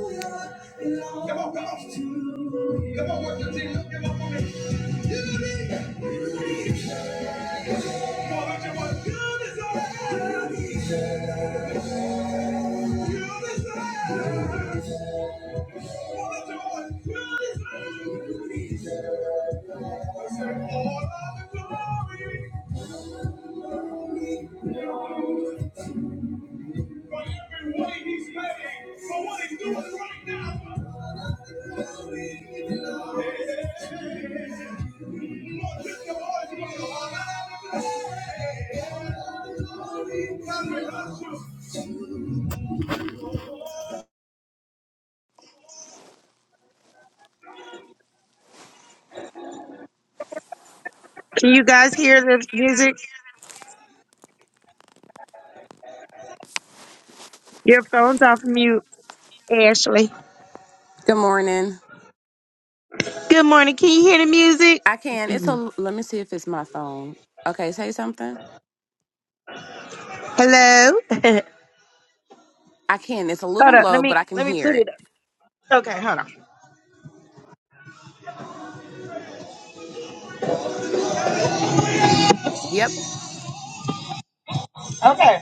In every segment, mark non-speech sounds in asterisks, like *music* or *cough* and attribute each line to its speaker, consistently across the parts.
Speaker 1: Come on, come on. Come on, work your team. up. Come on, work it. Can you guys hear the music? Your phone's off mute, Ashley.
Speaker 2: Good morning.
Speaker 1: Good morning. Can you hear the music?
Speaker 2: I can. It's a. Let me see if it's my phone. Okay, say something.
Speaker 1: Hello? *laughs* hold
Speaker 2: I can. It's a little
Speaker 1: up. Let
Speaker 2: low, but
Speaker 1: me
Speaker 2: I can
Speaker 1: let me
Speaker 2: hear
Speaker 1: put
Speaker 2: it.
Speaker 1: it up. Okay, hold on.
Speaker 2: Yep.
Speaker 1: Okay.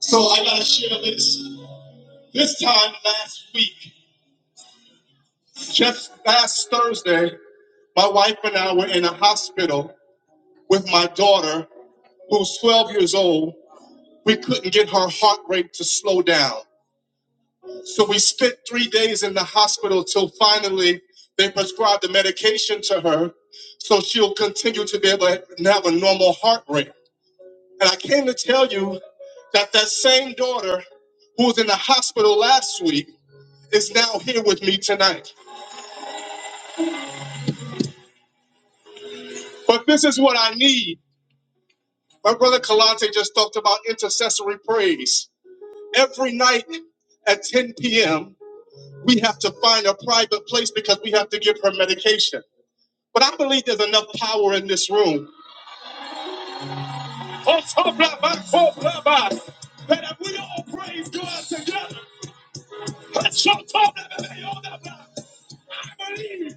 Speaker 1: So I gotta share this. This time last week, just last Thursday, my wife and I were in a hospital with my daughter, who's 12 years old. We couldn't get her heart rate to slow down. So we spent three days in the hospital till finally they prescribed the medication to her so she'll continue to be able to have a normal heart rate. And I came to tell you that that same daughter who was in the hospital last week is now here with me tonight. But this is what I need. My brother Kalante just talked about intercessory praise. Every night at 10 p.m., we have to find a private place because we have to give her medication. But I believe there's enough power in this room. Oh, so blah, so That if we all praise God together, let's shout believe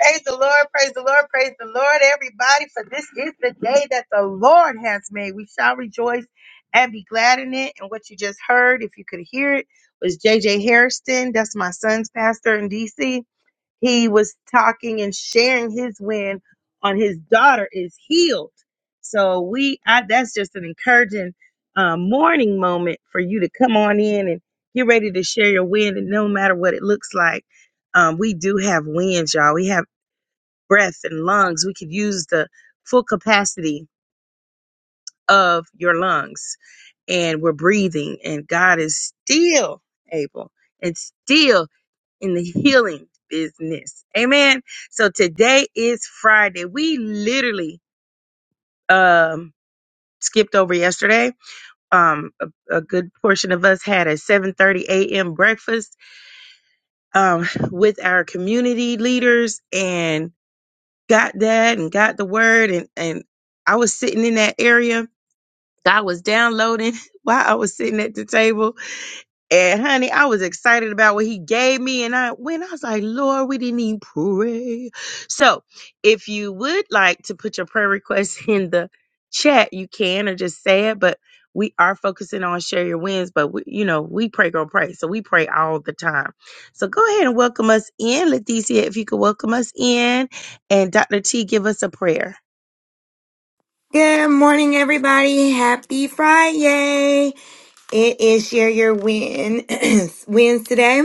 Speaker 1: Praise the Lord, praise the Lord, praise the Lord, everybody, for this is the day that the Lord has made. We shall rejoice and be glad in it. And what you just heard, if you could hear it, was JJ Harrison. That's my son's pastor in DC he was talking and sharing his win on his daughter is healed. So we, I, that's just an encouraging uh, morning moment for you to come on in and get ready to share your win. And no matter what it looks like, um, we do have wins, y'all. We have breath and lungs. We could use the full capacity of your lungs, and we're breathing. And God is still able and still in the healing business. Amen. So today is Friday. We literally um skipped over yesterday. Um a, a good portion of us had a 7:30 a.m. breakfast um with our community leaders and got that and got the word and and I was sitting in that area. God was downloading *laughs* while I was sitting at the table And honey, I was excited about what he gave me. And I when I was like, Lord, we didn't even pray. So if you would like to put your prayer request *laughs* in the chat, you can or just say it. But we are focusing on share your wins. But we, you know, we pray, girl, pray. So we pray all the time. So go ahead and welcome us in. Leticia, if you could welcome us in. And Dr. T, give us a prayer.
Speaker 3: Good morning, everybody. Happy Friday. It is Share Your Win *clears throat* wins today.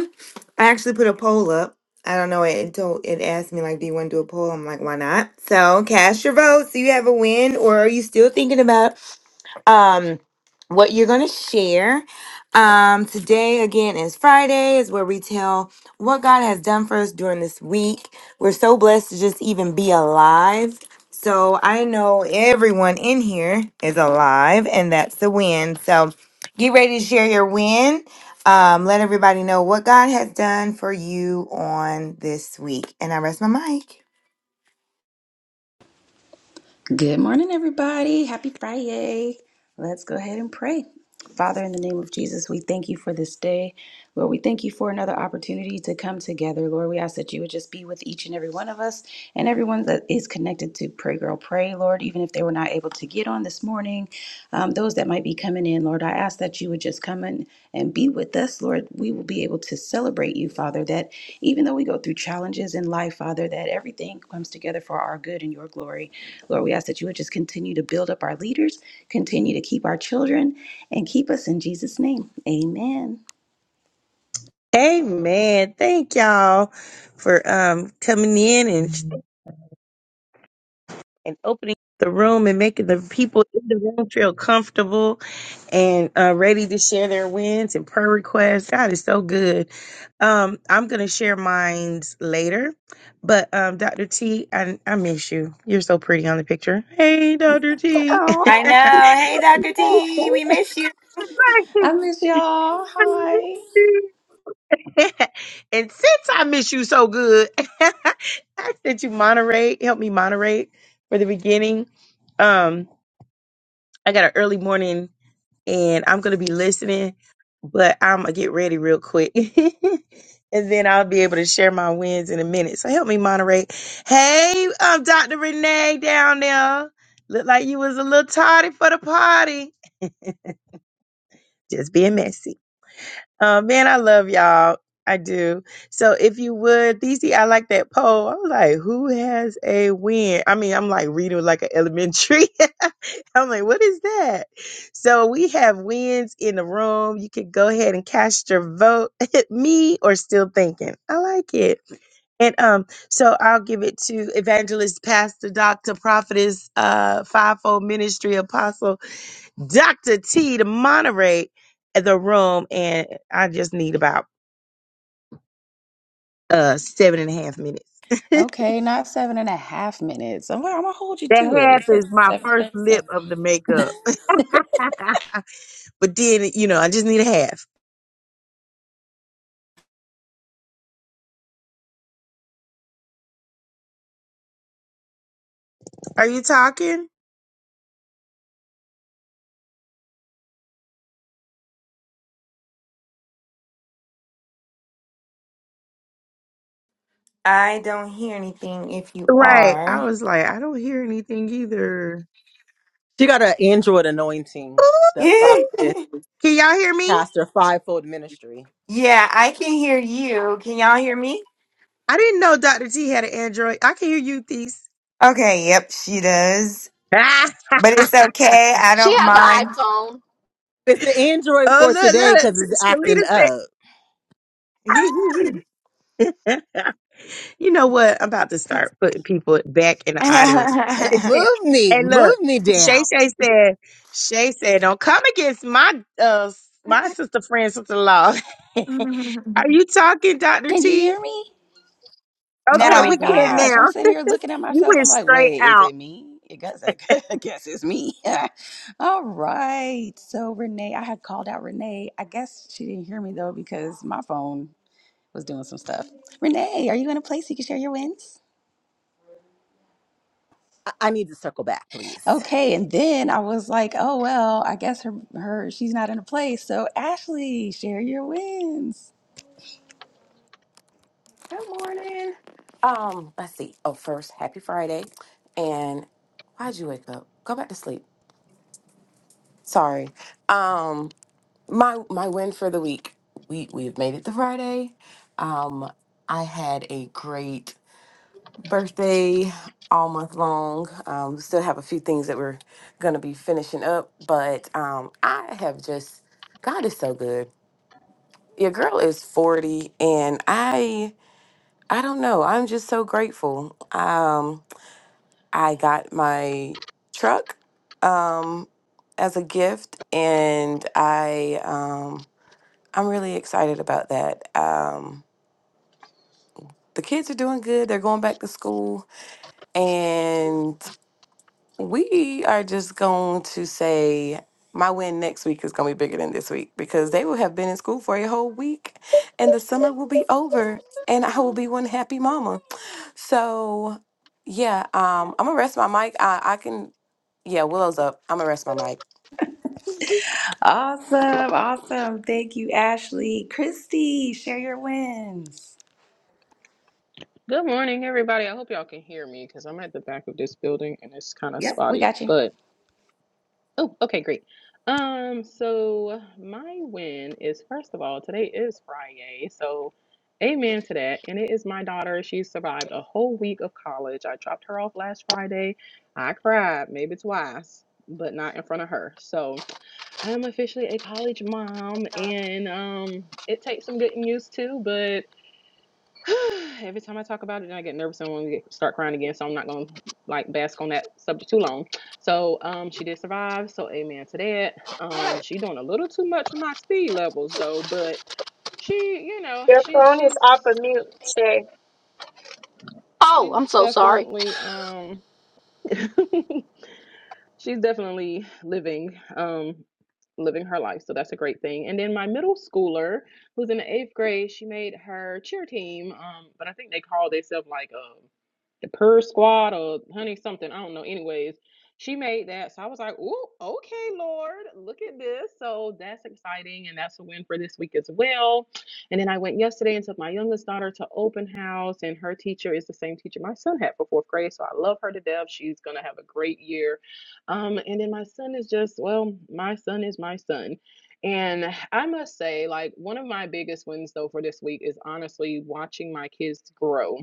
Speaker 3: I actually put a poll up. I don't know. It told it asked me like, do you want to do a poll? I'm like, why not? So cast your vote. So you have a win, or are you still thinking about um what you're going to share um today again is friday is where we tell what god has done for us during this week we're so blessed to just even be alive so i know everyone in here is alive and that's the win so get ready to share your win um, let everybody know what god has done for you on this week and i rest my mic
Speaker 4: Good morning, everybody. Happy Friday. Let's go ahead and pray. Father, in the name of Jesus, we thank you for this day. Lord, we thank you for another opportunity to come together. Lord, we ask that you would just be with each and every one of us and everyone that is connected to Pray Girl Pray, Lord, even if they were not able to get on this morning. Um, those that might be coming in, Lord. I ask that you would just come in and be with us, Lord. We will be able to celebrate you, Father, that even though we go through challenges in life, Father, that everything comes together for our good and your glory. Lord, we ask that you would just continue to build up our leaders, continue to keep our children, and keep us in Jesus' name. Amen.
Speaker 1: Amen. Thank y'all for um coming in and and opening the room and making the people in the room feel comfortable and uh, ready to share their wins and prayer requests. God is so good. Um, I'm going to share mines later, but um, Dr. T, I, I miss you. You're so pretty on the picture. Hey, Dr. T. *laughs*
Speaker 3: i
Speaker 4: Oh, you
Speaker 3: know
Speaker 4: made
Speaker 3: hey
Speaker 4: me
Speaker 3: dr t
Speaker 4: blush.
Speaker 3: we miss you
Speaker 4: I miss y'all. Hi.
Speaker 1: and since I miss you so good, *laughs* I sent you moderate, help me moderate for the beginning. Um, I got an early morning and I'm gonna be listening, but I'm gonna get ready real quick. *laughs* And then I'll be able to share my wins in a minute. So help me moderate. Hey, um, Dr. Renee down there. Look like you was a little tardy for the party. Just being messy. Uh, man, I love y'all. I do. So if you would, DC, I like that poll. I was like, who has a win? I mean, I'm like reading like an elementary. *laughs* I'm like, what is that? So we have wins in the room. You can go ahead and cast your vote. *laughs* Me or still thinking. I like it. And um, so I'll give it to evangelist, pastor, doctor, prophetess, uh, fivefold ministry apostle. Dr. T to moderate the room, and I just need about uh seven and a half minutes. *laughs* that
Speaker 4: Okay, not seven and a half minutes. I'm, I'm gonna hold you to it.
Speaker 1: half is
Speaker 4: It's
Speaker 1: my
Speaker 4: seven
Speaker 1: first lip
Speaker 4: thirty-seven.
Speaker 1: of the makeup. *laughs* but then, you know, I just need a half. Are you talking?
Speaker 3: I don't hear anything if you
Speaker 1: Right. I
Speaker 3: are.
Speaker 1: was like, I don't hear anything either.
Speaker 5: She got an Android
Speaker 1: *laughs*
Speaker 5: anointing
Speaker 1: Ooh,
Speaker 3: *laughs*
Speaker 5: that
Speaker 3: yeah,
Speaker 5: prophetess,
Speaker 1: can y'all hear me?
Speaker 5: pastor, fivefold ministry.
Speaker 3: I can hear you. Can y'all hear me?
Speaker 1: I didn't know Dr. T had an Android. I can hear you, Thies.
Speaker 3: Okay, yep, she does.
Speaker 1: *laughs*
Speaker 3: But it's okay. I
Speaker 6: She
Speaker 3: don't
Speaker 6: has an
Speaker 3: mind.
Speaker 6: iPhone.
Speaker 5: It's an Android
Speaker 1: Oh,
Speaker 5: for
Speaker 1: look,
Speaker 5: today
Speaker 1: look.
Speaker 5: because it's acting
Speaker 1: Shalita
Speaker 5: up. *clears throat*
Speaker 1: said. *laughs* You know what? I'm about to start putting people back in the audience.
Speaker 5: Uh,
Speaker 1: *laughs*
Speaker 3: *laughs*
Speaker 5: Move me,
Speaker 1: and look,
Speaker 5: move me
Speaker 1: Shay
Speaker 5: down.
Speaker 1: Shay said, Shay said, don't come against my uh my sister friend, sister in law. *laughs* Are you talking, Dr.
Speaker 4: Can you
Speaker 1: T?
Speaker 4: hear me? Oh
Speaker 3: now
Speaker 1: Okay,
Speaker 3: we
Speaker 4: my
Speaker 1: we can
Speaker 3: can.
Speaker 1: now.
Speaker 4: gosh, I'm
Speaker 1: *laughs*
Speaker 4: sitting here looking at
Speaker 1: You
Speaker 4: myself.
Speaker 1: went
Speaker 4: I'm like,
Speaker 1: straight
Speaker 4: wait, is
Speaker 1: out.
Speaker 4: it me? I guess, *laughs* I guess it's me. *laughs* All right. So, Renee, I had called out Renee. I guess she didn't hear me though because my phone was doing some stuff. Renee, are you in a place you can share your wins?
Speaker 5: I, I need to circle back, please.
Speaker 4: Okay. And then I was like, oh, well, I guess her, her she's not in a place. So, Ashley, share your wins.
Speaker 2: Good morning. Um, let's see. Oh, first, happy Friday. And why'd you wake up? Go back to sleep. Sorry. Um, my my win for the week. We we've made it to Friday. Um, I had a great birthday all month long. Um, we still have a few things that we're going to be finishing up, but um, I have just God is so good. Your girl is 40 and I I don't know. I'm just so grateful. Um I got my truck um as a gift and I um I'm really excited about that. Um the kids are doing good. They're going back to school and. We are just going to say my win next week is going to be bigger than this week because they will have been in school for a whole week and the summer will be over and I will be one happy mama. So, yeah, um, I'm going to rest my mic. I, I can, yeah, Willow's up. I'm going to rest my mic.
Speaker 4: Awesome. Awesome. Thank you, Ashley. Christy, share your wins.
Speaker 7: Good morning, everybody. I hope y'all can hear me because I'm at the back of this building and it's kind of
Speaker 4: Yep, we
Speaker 7: spotty.
Speaker 4: got you.
Speaker 7: But oh, okay, great. Um, so my win is first of all, today is Friday, so amen to that. And it is my daughter. She survived a whole week of college. I dropped her off last Friday. I cried maybe twice, but not in front of her. So I am officially a college mom, and um, it takes some getting used to, but. *sighs* Every time I talk about it, then I get nervous and want to get, start crying again. So I'm not going to like bask on that subject too long. So um, she did survive. So amen to that. Um, she doing a little too much for my speed levels though, but she, you know, she's she's
Speaker 1: Okay.
Speaker 6: Oh,
Speaker 7: she's
Speaker 6: I'm so sorry.
Speaker 7: definitely um *laughs* she's definitely living um living her life so that's a great thing and then my middle schooler who's in the eighth grade she made her cheer team um but i think they call themselves like um the purr squad or honey something i don't know anyways she made that so i was like oh okay lord look at this so that's exciting and that's a win for this week as well and then i went yesterday and took my youngest daughter to open house and her teacher is the same teacher my son had for fourth grade so i love her to death she's gonna have a great year um, and then my son is just, well, my son is my son. And I must say, like, one of my biggest wins, though, for this week is honestly watching my kids grow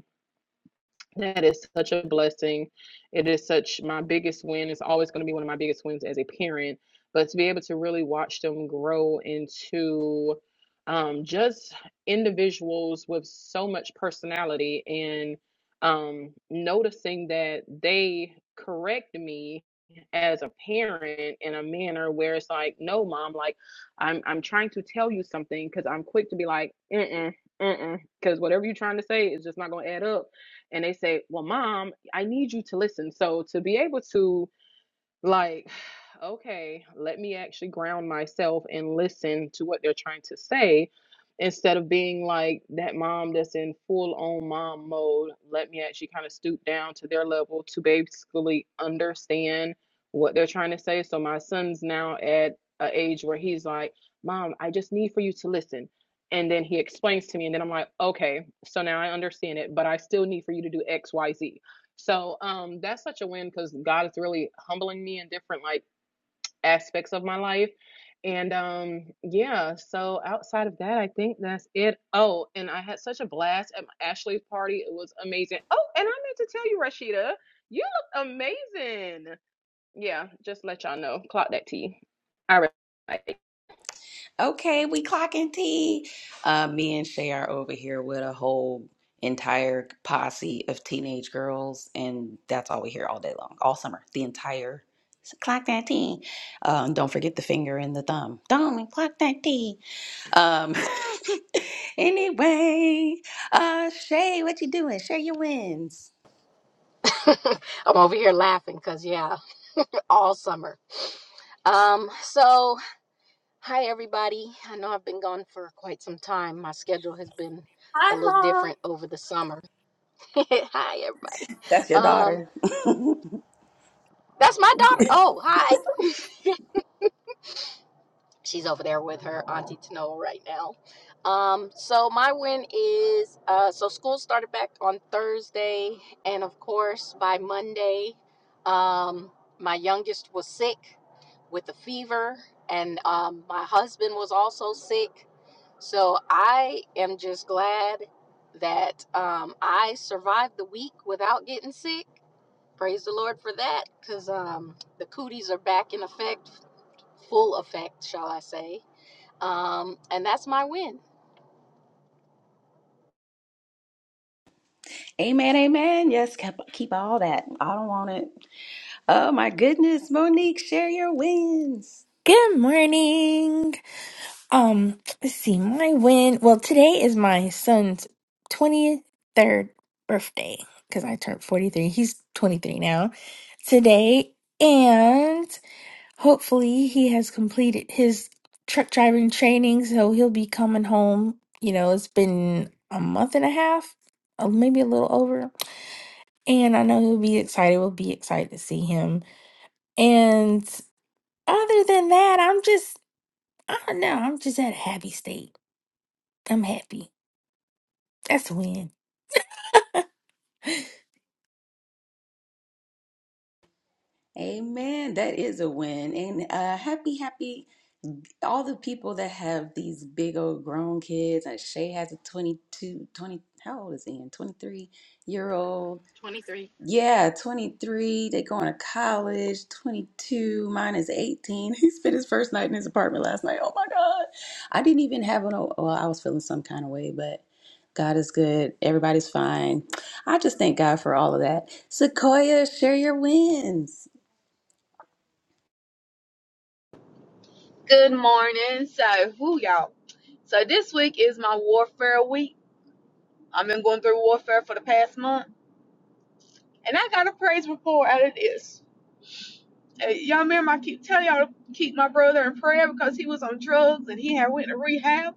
Speaker 7: that is such a blessing. It is such my biggest win. It's always going to be one of my biggest wins as a parent. But to be able to really watch them grow into um, just individuals with so much personality and um, noticing that they correct me as a parent in a manner where it's like, no, mom, like I'm I'm trying to tell you something because I'm quick to be like, mm mm, mm mm, because whatever you're trying to say is just not going to add up and they say, Well, mom, I need you to listen. So to be able to like, *sighs* okay, let me actually ground myself and listen to what they're trying to say instead of being like that mom that's in full on mom mode. Let me actually kind of stoop down to their level to basically understand what they're trying to say. So my son's now at an age where he's like, Mom, I just need for you to listen. And then he explains to me, and then I'm like, okay, so now I understand it, but I still need for you to do X, Y, Z so um, that's such a win because God is really humbling me in different like aspects of my life. And um, yeah, so outside of that, I think that's it. Oh, and I had such a blast at Ashley's party. It was amazing. Oh, and I meant to tell you, Rashida, you look amazing. Yeah, just let y'all know. Clock that tea. All right.
Speaker 4: Okay, we clocking tea. Uh, me and Shay are over here with a whole entire posse of teenage girls, and that's all we hear all day long, all summer, the entire clock that tea. Um, don't forget the finger and the thumb. Thumb and clock that tea. Um, *laughs* anyway, uh, Shay, what you doing? Share your wins.
Speaker 6: *laughs* I'm over here laughing because, yeah, *laughs* all summer. Um, so, hi, everybody. I know I've been gone for quite some time. My schedule has been a
Speaker 4: Hi,
Speaker 6: little
Speaker 4: Mom.
Speaker 6: different over the summer. *laughs* hi, everybody.
Speaker 4: That's your
Speaker 6: Um,
Speaker 4: daughter. *laughs*
Speaker 6: that's my daughter. Oh, hi. She's over there with her auntie Tanoa right now. Um, so my win is uh, so school started back on Thursday, and of course by Monday, um, my youngest was sick with a fever, and um, my husband was also sick. So I am just glad that um, I survived the week without getting sick. Praise the Lord for that, because um, the cooties are back in effect, full effect, shall I say. Um, and that's my win.
Speaker 4: amen, amen. Yes, keep, keep all that. I don't want it. Oh my goodness, Monique, share your wins.
Speaker 8: Good morning. Um, let's see, my win. Well, today is my son's 23rd birthday because I turned 43. He's 23 now today. And hopefully he has completed his truck driving training. So he'll be coming home. You know, it's been a month and a half, uh, maybe a little over. And I know he'll be excited. We'll be excited to see him. And other than that, I'm just I know. I'm just at a happy state. I'm happy. That's a win.
Speaker 4: Amen. That is a win. And uh happy, happy all the people that have these big old grown kids. And Shay has a 22, 20. how old is Ian? 23 year old Yeah, 23. They going to college. 22. Mine is 18. *laughs* He spent his first night in his apartment last night. Oh my God. I didn't even have an, oh, well, I was feeling some kind of way, but God is good. Everybody's fine. I just thank God for all of that. Sequoia, share your wins.
Speaker 9: Good morning. So, who y'all? So, this week is my warfare week. I've been going through warfare for the past month, and I got a praise report out of this. Uh, y'all remember I keep telling y'all to keep my brother in prayer because he was on drugs and he had went to rehab.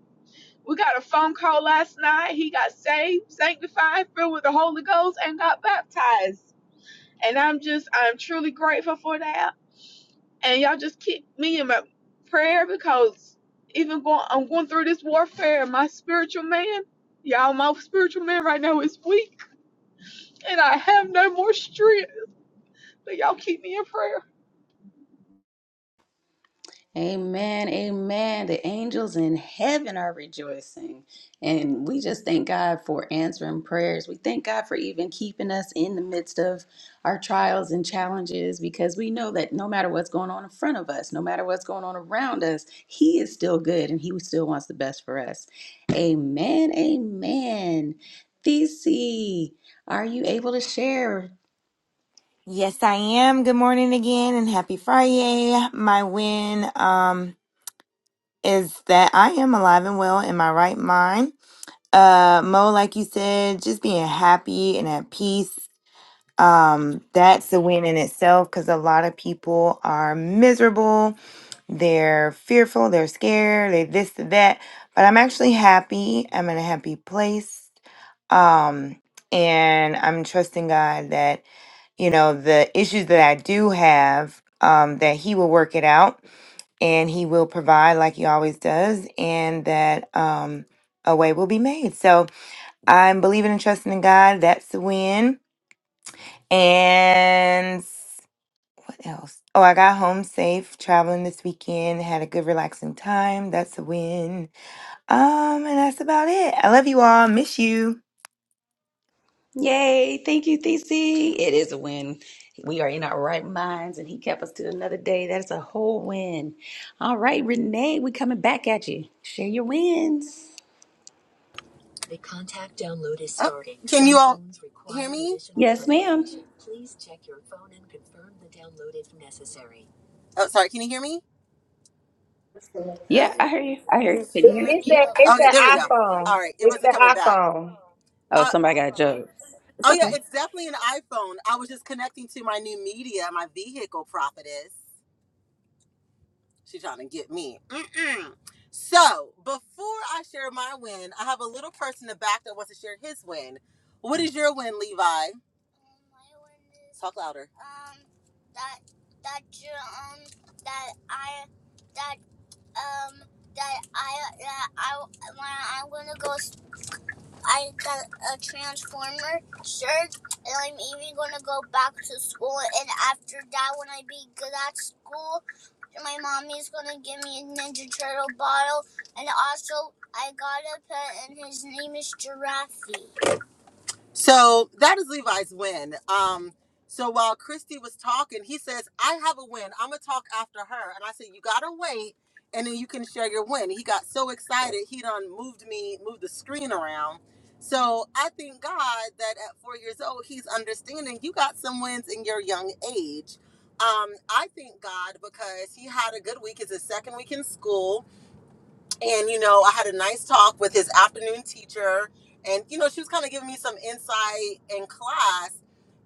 Speaker 9: We got a phone call last night. He got saved, sanctified, filled with the Holy Ghost, and got baptized. And I'm just, I'm truly grateful for that. and y'all just keep me in my prayer because even going I'm going through this warfare and my spiritual man, y'all my spiritual man right now is weak and I have no more strength. But y'all keep me in prayer.
Speaker 4: Amen. Amen. The angels in heaven are rejoicing. And we just thank God for answering prayers. We thank God for even keeping us in the midst of our trials and challenges because we know that no matter what's going on in front of us, no matter what's going on around us, He is still good and He still wants the best for us. Amen. Amen. Thesey, are you able to share?
Speaker 3: Yes, I am. Good morning again and happy Friday. My win um is that I am alive and well in my right mind. Uh Mo, like you said, just being happy and at peace um that's a win in itself because a lot of people are miserable they're fearful they're scared they this that but i'm actually happy i'm in a happy place um and i'm trusting god that you know the issues that i do have um that he will work it out and he will provide like he always does and that um a way will be made so i'm believing and trusting in god that's the win and else? Oh, I got home safe traveling this weekend. Had a good relaxing time. That's a win. Um, and that's about it. I love you all. Miss you.
Speaker 4: Yay. Thank you, TC. It is a win. We are in our right minds and he kept us to another day. That is a whole win. All right, Renee, we coming back at you. Share your wins.
Speaker 5: The contact download is Oh, starting. can you Some all Some phones require hear me? additional
Speaker 4: Yes,
Speaker 5: confirmation.
Speaker 4: ma'am.
Speaker 5: Please check your phone and confirm the download if necessary. Oh, sorry. Can you hear me? Uh
Speaker 4: Yeah, I
Speaker 5: oh.
Speaker 4: hear you. I hear you. Can you
Speaker 1: It-
Speaker 4: hear me?
Speaker 1: It's that it's
Speaker 5: Okay, there we
Speaker 1: that
Speaker 5: go.
Speaker 1: iPhone.
Speaker 5: All right, it
Speaker 1: It's
Speaker 5: wasn't
Speaker 1: the
Speaker 5: coming back.
Speaker 1: iPhone.
Speaker 4: Oh,
Speaker 5: Uh,
Speaker 4: somebody got jokes. It's
Speaker 5: Oh yeah,
Speaker 4: okay.
Speaker 5: it's definitely an iPhone. I was just connecting to my new media, my vehicle prophetess. She trying to get me. Mm-mm. So before I share my win, I have a little person in the back that wants to share his win. What is your win, Levi? My win is talk louder. Um, that that you um that I that um that I that I when I want to go I got a Transformer shirt, and I'm even gonna go back to school. And after that, when I be good at school, my mommy's gonna give me a Ninja Turtle bottle. And also, I got a pet, and his name is Giraffe. So that is Levi's win. Um, so while Christy was talking, he says, I have a win. I'm going to talk after her. And I said, You got to wait and then you can share your win. He got so excited, he done moved me, moved the screen around. So I thank God that at four years old, he's understanding you got some wins in your young age. Um, I thank God because he had a good week. It's his second week in school and you know i had a nice talk with his afternoon teacher and you know she was kind of giving me some insight in class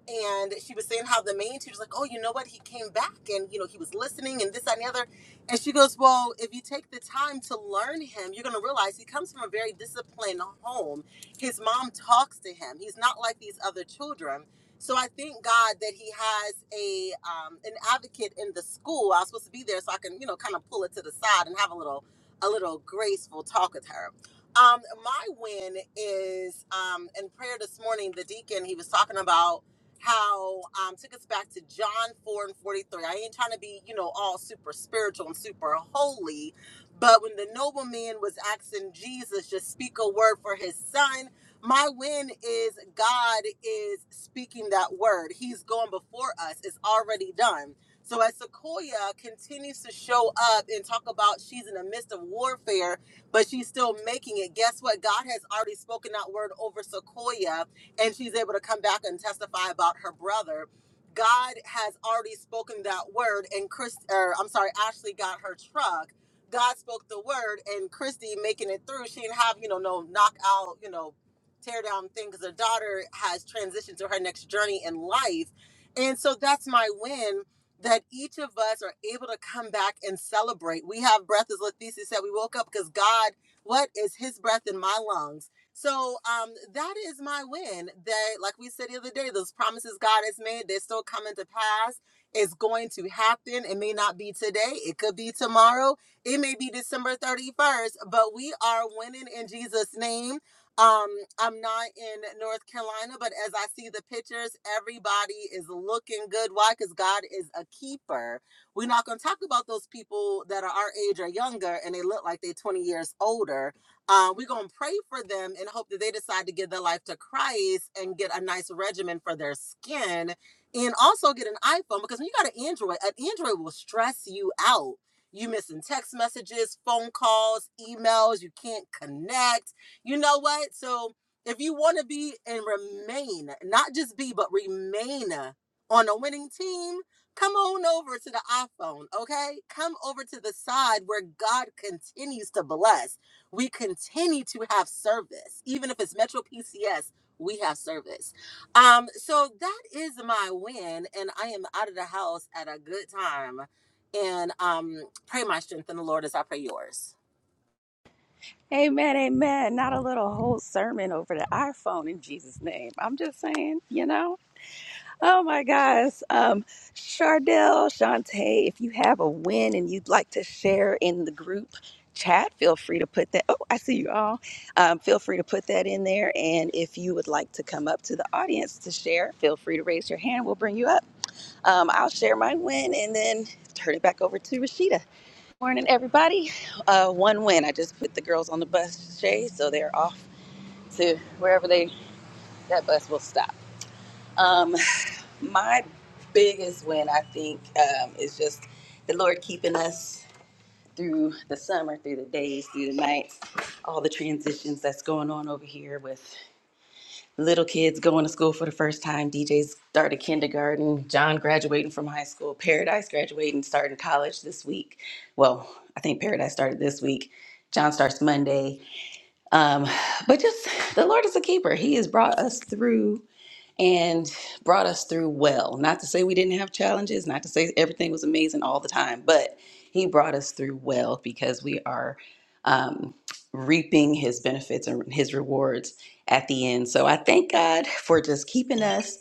Speaker 5: and she was saying how the main teacher's like oh you know what he came back and you know he was listening and this that, and the other and she goes well if you take the time to learn him you're going to realize he comes from a very disciplined home his mom talks to him he's not like these other children so i thank god that he has a um, an advocate in the school i was supposed to be there so i can you know kind of pull it to the side and have a little a little graceful talk with her. Um, my win is um, in prayer this morning, the deacon, he was talking about how um, took us back to John 4 and 43. I ain't trying to be, you know, all super spiritual and super holy, but when the nobleman was asking Jesus just speak a word for his son, my win is God is speaking that word. He's going before us. It's already done. So as Sequoia continues to show up and talk about she's in the midst of warfare, but she's still making it, guess what? God has already spoken that word over Sequoia, and she's able to come back and testify about her brother. God has already spoken that word, and Chris, or I'm sorry, Ashley got her truck. God spoke the word, and Christy making it through. She didn't have, you know, no knockout, you know, tear down thing because her daughter has transitioned to her next journey in life. And so that's my win that each of us are able to come back and celebrate. We have breath, as Leticia said, we woke up because God, what is his breath in my lungs? So um, that is my win. That, like we said the other day, those promises God has made, they're still coming to pass. It's going to happen. It may not be today. It could be tomorrow. It may be December 31st, but we are winning in Jesus' name um, I'm not in North Carolina, but as I see the pictures, everybody is looking good. Why? Because God is a keeper. We're not going to talk about those people that are our age or younger and they look like they're 20 years older. Uh, we're going to pray for them and hope that they decide to give their life to Christ and get a nice regimen for their skin and also get an iPhone because when you got an Android, an Android will stress you out. You missing text messages, phone calls, emails, you can't connect you know what? So if you want to be and remain, not just be, but remain on a winning team, come on over to the iPhone, okay? Come over to the side where God continues to bless. We continue to have service. Even if it's Metro PCS, we have service. Um, so that is my win, and I am out of the house at a good time. And um, pray my strength in the Lord as I pray yours.
Speaker 4: Amen, amen. Not a little whole sermon over the iPhone in Jesus' name. I'm just saying, you know. Oh my gosh. Um, Chardell, Shantae, if you have a win and you'd like to share in the group chat, feel free to put that. Oh, I see you all. Um, feel free to put that in there. And if you would like to come up to the audience to share, feel free to raise your hand. We'll bring you up. Um, I'll share my win and then turn it back over to Rashida. Morning, everybody. Uh, one win. I just put the girls on the bus, Shay, so they're off to wherever they that bus will stop. Um, my biggest win, I think, um, is just the Lord keeping us through the summer, through the days, through the nights, all the transitions that's going on over here with little kids going to school for the first time, DJ's started kindergarten, John graduating from high school, Paradise graduating, starting college this week. Well, I think Paradise started this week. John starts Monday. Um, but just the Lord is a keeper. He has brought us through and brought us through well. Not to say we didn't have challenges, not to say everything was amazing all the time, but he brought us through well because we are um, reaping his benefits and his rewards at the end. So I thank God for just keeping us.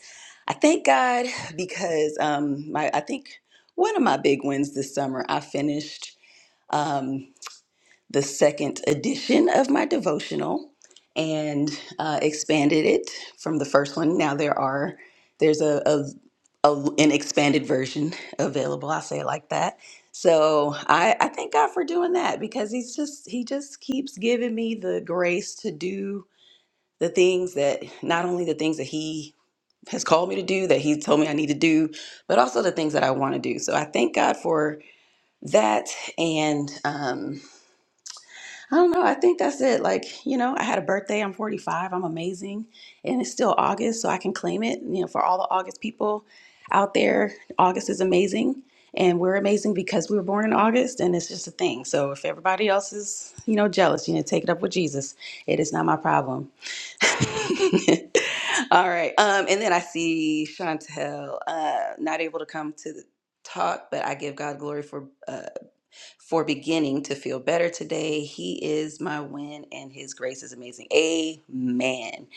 Speaker 4: I thank God because um, my I think one of my big wins this summer, I finished. Um, the second edition of my devotional and uh, expanded it from the first one. Now there are there's a, a, a an expanded version available. I say it like that. So I, I thank God for doing that because he's just he just keeps giving me the grace to do the things that not only the things that he has called me to do that he told me I need to do, but also the things that I want to do. So I thank God for that and. Um, I don't know. I think that's it. Like, you know, I had a birthday. I'm 45. I'm amazing. And it's still August, so I can claim it. You know, for all the August people out there, August is amazing. And we're amazing because we were born in August, and it's just a thing. So if everybody else is, you know, jealous, you know, take it up with Jesus. It is not my problem. *laughs* all right. Um, and then I see Chantel uh, not able to come to the talk, but I give God glory for. uh, for beginning to feel better today. He is my win, and His grace is amazing. Amen.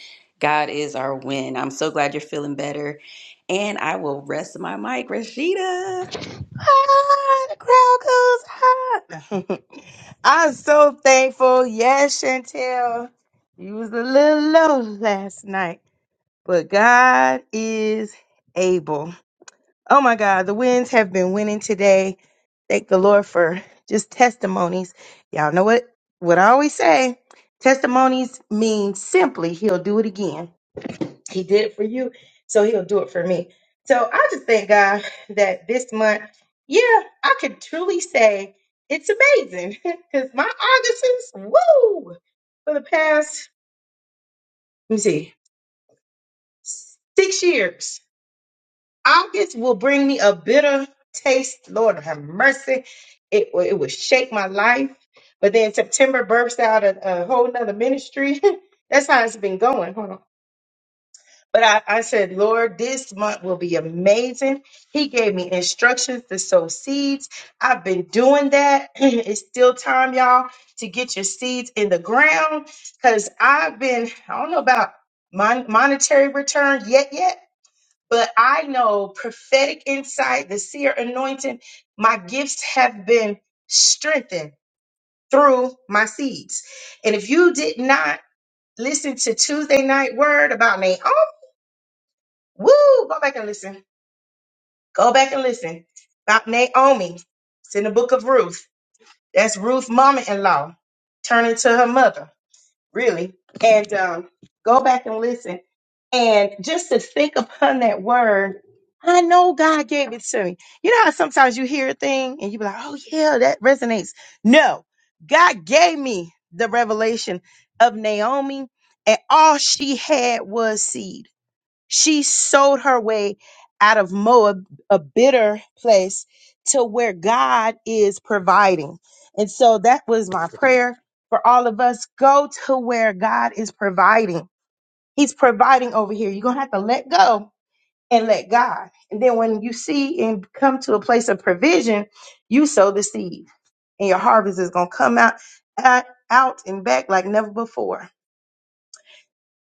Speaker 4: God is our win. I'm so glad you're feeling better. And I will rest my mic, Rashida.
Speaker 1: ah, the crowd goes ah. *laughs* I'm so thankful. Yes, Chantel, you was a little low last night, but God is able. Oh my God, the winds have been winning today. Thank the Lord for just testimonies. Y'all know what what I always say. Testimonies mean simply He'll do it again. He did it for you, so he'll do it for me. So I just thank God that this month, yeah, I could truly say it's amazing *laughs* because my August is woo for the past, let me see, six years. August will bring me a bitter taste. Lord have mercy. It, will- it will shake my life. But then September bursts out a, a whole nother ministry. *laughs* That's how it's been going. Hold on. But I, I said, Lord, this month will be amazing. He gave me instructions to sow seeds. I've been doing that. *clears throat* it's still time, y'all, to get your seeds in the ground because I've been, I don't know about mon- monetary return yet, yet, but I know prophetic insight, the seer anointing, my gifts have been strengthened through my seeds. And if you did not listen to Tuesday night word about Naomi, Woo! Go back and listen. Go back and listen. About Naomi. It's in the book of Ruth. That's Ruth's mama in law turning to her mother, really. And um, go back and listen. And just to think upon that word, I know God gave it to me. You know how sometimes you hear a thing and you be like, oh, yeah, that resonates. No, God gave me the revelation of Naomi, and all she had was seed she sowed her way out of Moab, a bitter place, to where God is providing. And so that was my prayer for all of us. Go to where God is providing. He's providing over here. You're going to have to let go and let God. And then when you see and come to a place of provision, you sow the seed and your harvest is going to come out, out out and back like never before.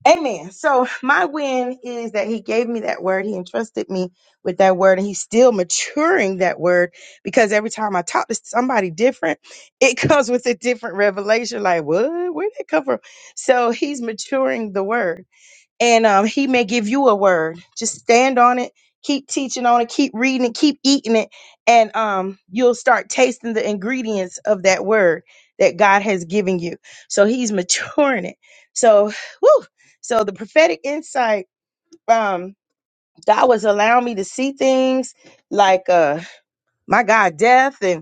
Speaker 1: Amen. So my win is that he gave me that word. He entrusted me with that word and he's still maturing that word because every time I talk to somebody different, it *laughs* comes with a different revelation. Like, what? Where did that come from? So he's maturing the word and um, he may give you a word. Just stand on it, keep teaching on it, keep reading it, keep eating it, and um, you'll start tasting the ingredients of that word that God has given you. So he's *laughs* maturing it. So, whew, so the prophetic insight, um, God was allowing me to see things like uh, my God, death and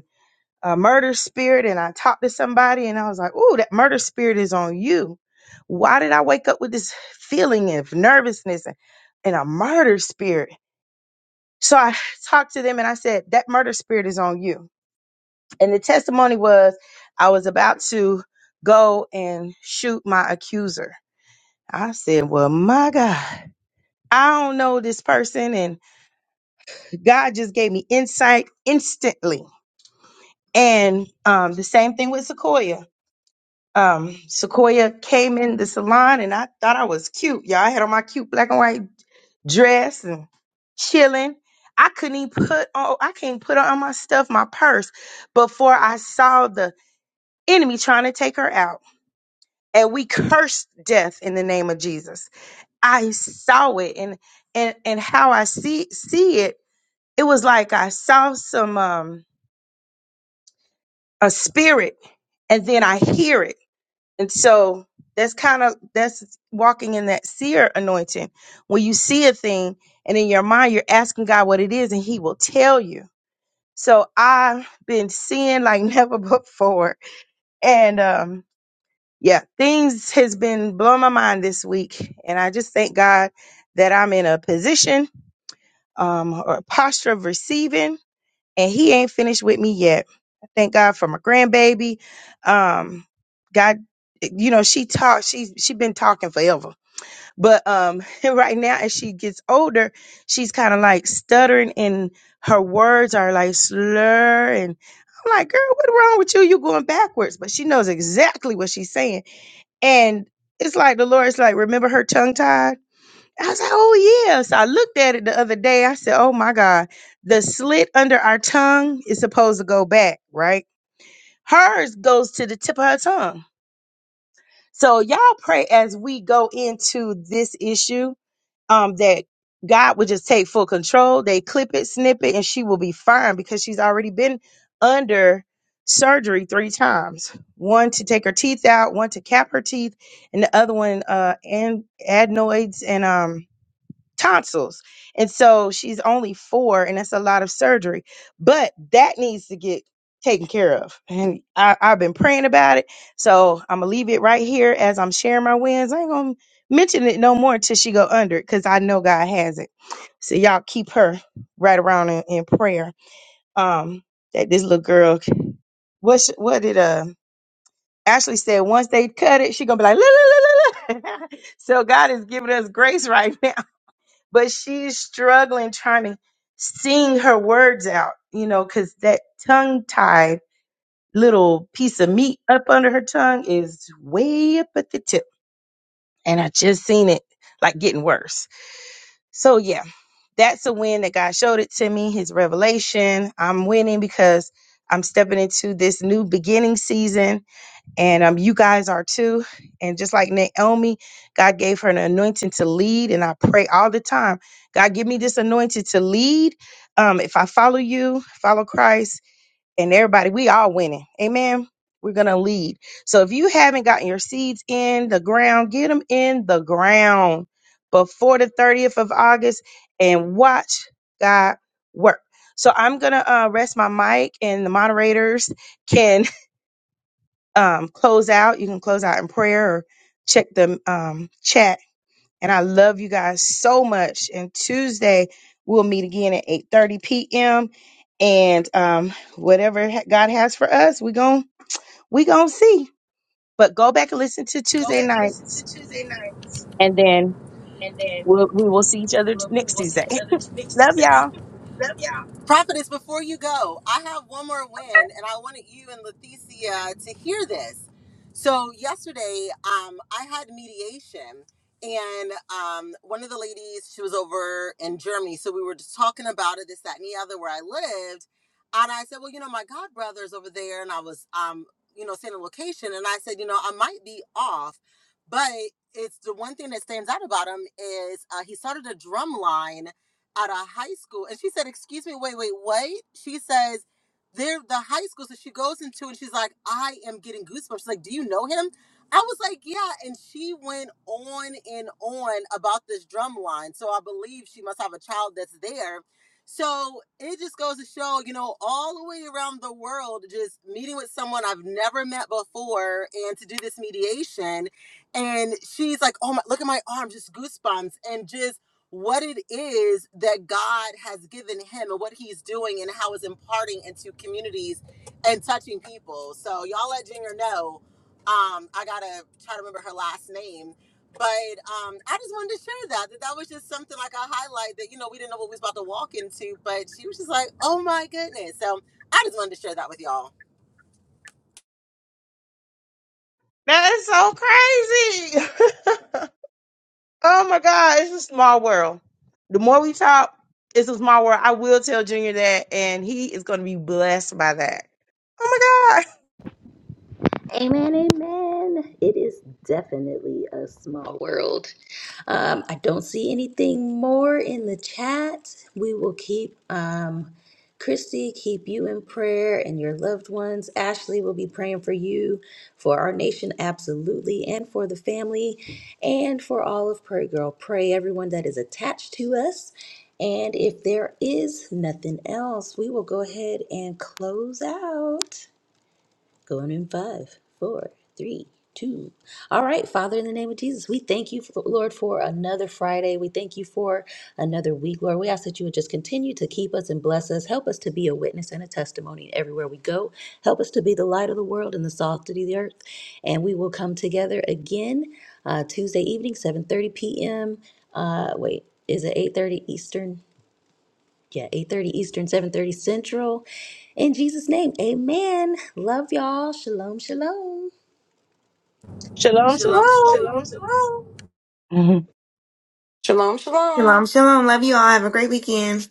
Speaker 1: a murder spirit and I talked to somebody and I was like, "Ooh, that murder spirit is on you." Why did I wake up with this feeling of nervousness and, and a murder spirit? So I *laughs* talked to them and I said, "That murder spirit is on you." And the testimony was I was about to go and shoot my accuser. I said, "Well, my God, I don't know this person and God just gave me insight instantly." And um, the same thing with Sequoia. um, Sequoia came in the salon and I thought I was cute. Y'all, I had on my cute black and white dress and chilling. I couldn't even put on, I can't put on my stuff, my purse, before I saw the enemy trying to take her out. And we cursed death in the name of Jesus. I saw it and, and, and how I see, see it, it was like I saw some, um, a spirit and then I hear it And so that's kind of that's walking in that seer anointing. When you see a thing and in your mind you're asking God what it is and he will tell you. So I've been seeing like *laughs* never before. And um yeah, things has been blowing my mind this week and I just thank God that I'm in a position um or a posture of receiving and he ain't finished with me yet. I thank God for my grandbaby. Um, God, you know, she talks, she's she been talking forever. But um *laughs* right now as she gets older, she's kind of like stuttering and her words are like slur and I'm like, girl, what wrong with you? You going backwards. But she knows exactly what she's saying. And it's like the Lord's like, remember her tongue tied? I was like, oh yes. I looked at it the other day. I said, oh my God. The slit under our tongue is supposed to go back, right? Hers goes to the tip of her tongue. So y'all pray as we go into this issue um that God would just take full control. They clip it, snip it, and she will be fine because she's already been under surgery three times. One to take her teeth out, one to cap her teeth, and the other one uh and adenoids and um tonsils. And so she's only four, and that's a lot of surgery. But that needs to get taken care of. And I, I've been praying about it. So I'm gonna leave it right here as I'm sharing my wins. I ain't gonna mention it no more until she go under it, because I know God has it. So y'all keep her right around in, in prayer. Um, that this little girl, what sh- what did uh Ashley said? Once they cut it, she gonna be like, "Look, look, look, look, look." *laughs* so God is giving us grace right *laughs* now but she's struggling trying to sing her words out, you know, because that tongue tied little piece of meat up under her tongue is way up at the tip. And I just seen it like getting worse. So, yeah, that's a win that God showed it to me, his revelation. I'm winning because I'm stepping into this new beginning season and um, you guys are too. And just like Naomi, God gave her an anointing to lead, and I pray all the time, God, give me this anointing to lead. Um, if I follow you, follow Christ, and everybody, we all winning. Amen. We're gonna lead. So if you haven't gotten your seeds in the ground, get them in the ground before the 30th of August, and watch God work. So I'm gonna uh, rest my mic, and the moderators can um, close out, you can close out in prayer or check the um, chat. And I love you guys so much. And Tuesday we'll meet again at 8:30 p.m. And um, whatever ha- God has for us, we gon' we gonna see. But go back and listen to
Speaker 5: Go
Speaker 1: Tuesday
Speaker 5: back listen
Speaker 1: nights,
Speaker 5: to Tuesday nights,
Speaker 1: and then we'll, we will see each other t-
Speaker 5: We'll,
Speaker 1: next
Speaker 5: see
Speaker 1: Tuesday.
Speaker 5: each
Speaker 1: *laughs*
Speaker 5: other next
Speaker 1: Love
Speaker 5: Tuesday. *laughs*
Speaker 1: y'all.
Speaker 5: Yep, yeah. Prophetess, before you go, I have one more win, and I wanted you and Leticia to hear this. So yesterday, um, I had mediation, and um, one of the ladies, she was over in Germany, so we were just talking about it, this, that, and the other, where I lived, and I said, well, you know, my god brother's over there, and I was, um, you know, saying the location, and I said, you know, I might be off, but it's the one thing that stands out about him is uh, he started a drum line out of high school. And she said, Excuse me, wait, wait, wait. She says, They're the high school. So she goes into it and she's like, I am getting goosebumps. She's like, Do you know him? I was like, Yeah. And she went on and on about this drum line. So I believe she must have a child that's there. So it just goes to show, you know, all the way around the world, just meeting with someone I've never met before and to do this mediation. And she's like, Oh my, look at my arm, just goosebumps. And just, what it is that God has given him and what he's doing and how it's imparting into communities and touching people. So y'all let Junior know. Um, I gotta try to remember her last name. But um, I just wanted to share that, that that was just something like a highlight that you know we didn't know what we was about to walk into, but she was just like, "Oh my goodness!" So I just wanted to share that with y'all.
Speaker 1: That is so crazy. *laughs* Oh my God, it's a small world. The more we talk, it's a small world. I will tell Junior that, and he is going to be blessed by that. Oh my God.
Speaker 4: Amen, amen. It is definitely a small world. Um, I don't see anything more in the chat. We will keep um, Christy, keep you in prayer and your loved ones. Ashley will be praying for you, for our nation, absolutely, and for the family, and for all of Prayer Girl. Pray everyone that is attached to us. And if there is nothing else, we will go ahead and close out. Going in five, four, three, two. All right, Father, in the name of Jesus, we thank you, Lord, for another Friday. We thank you for another week, Lord. We ask that you would just continue to keep us and bless us. Help us to be a witness and a testimony everywhere we go. Help us to be the light of the world and the salt of the earth. And we will come together again uh, Tuesday evening, 7.30 p.m. Uh, wait, is it 8.30 Eastern? Yeah, 8.30 Eastern, 7.30 Central. In Jesus' name, amen. Love y'all. Shalom, shalom.
Speaker 1: *laughs* Shalom,
Speaker 5: Shalom, shalom.
Speaker 1: shalom.
Speaker 5: Shalom, shalom.
Speaker 1: *laughs*
Speaker 2: Shalom, shalom.
Speaker 3: Shalom, shalom. Love you all. Have a great weekend.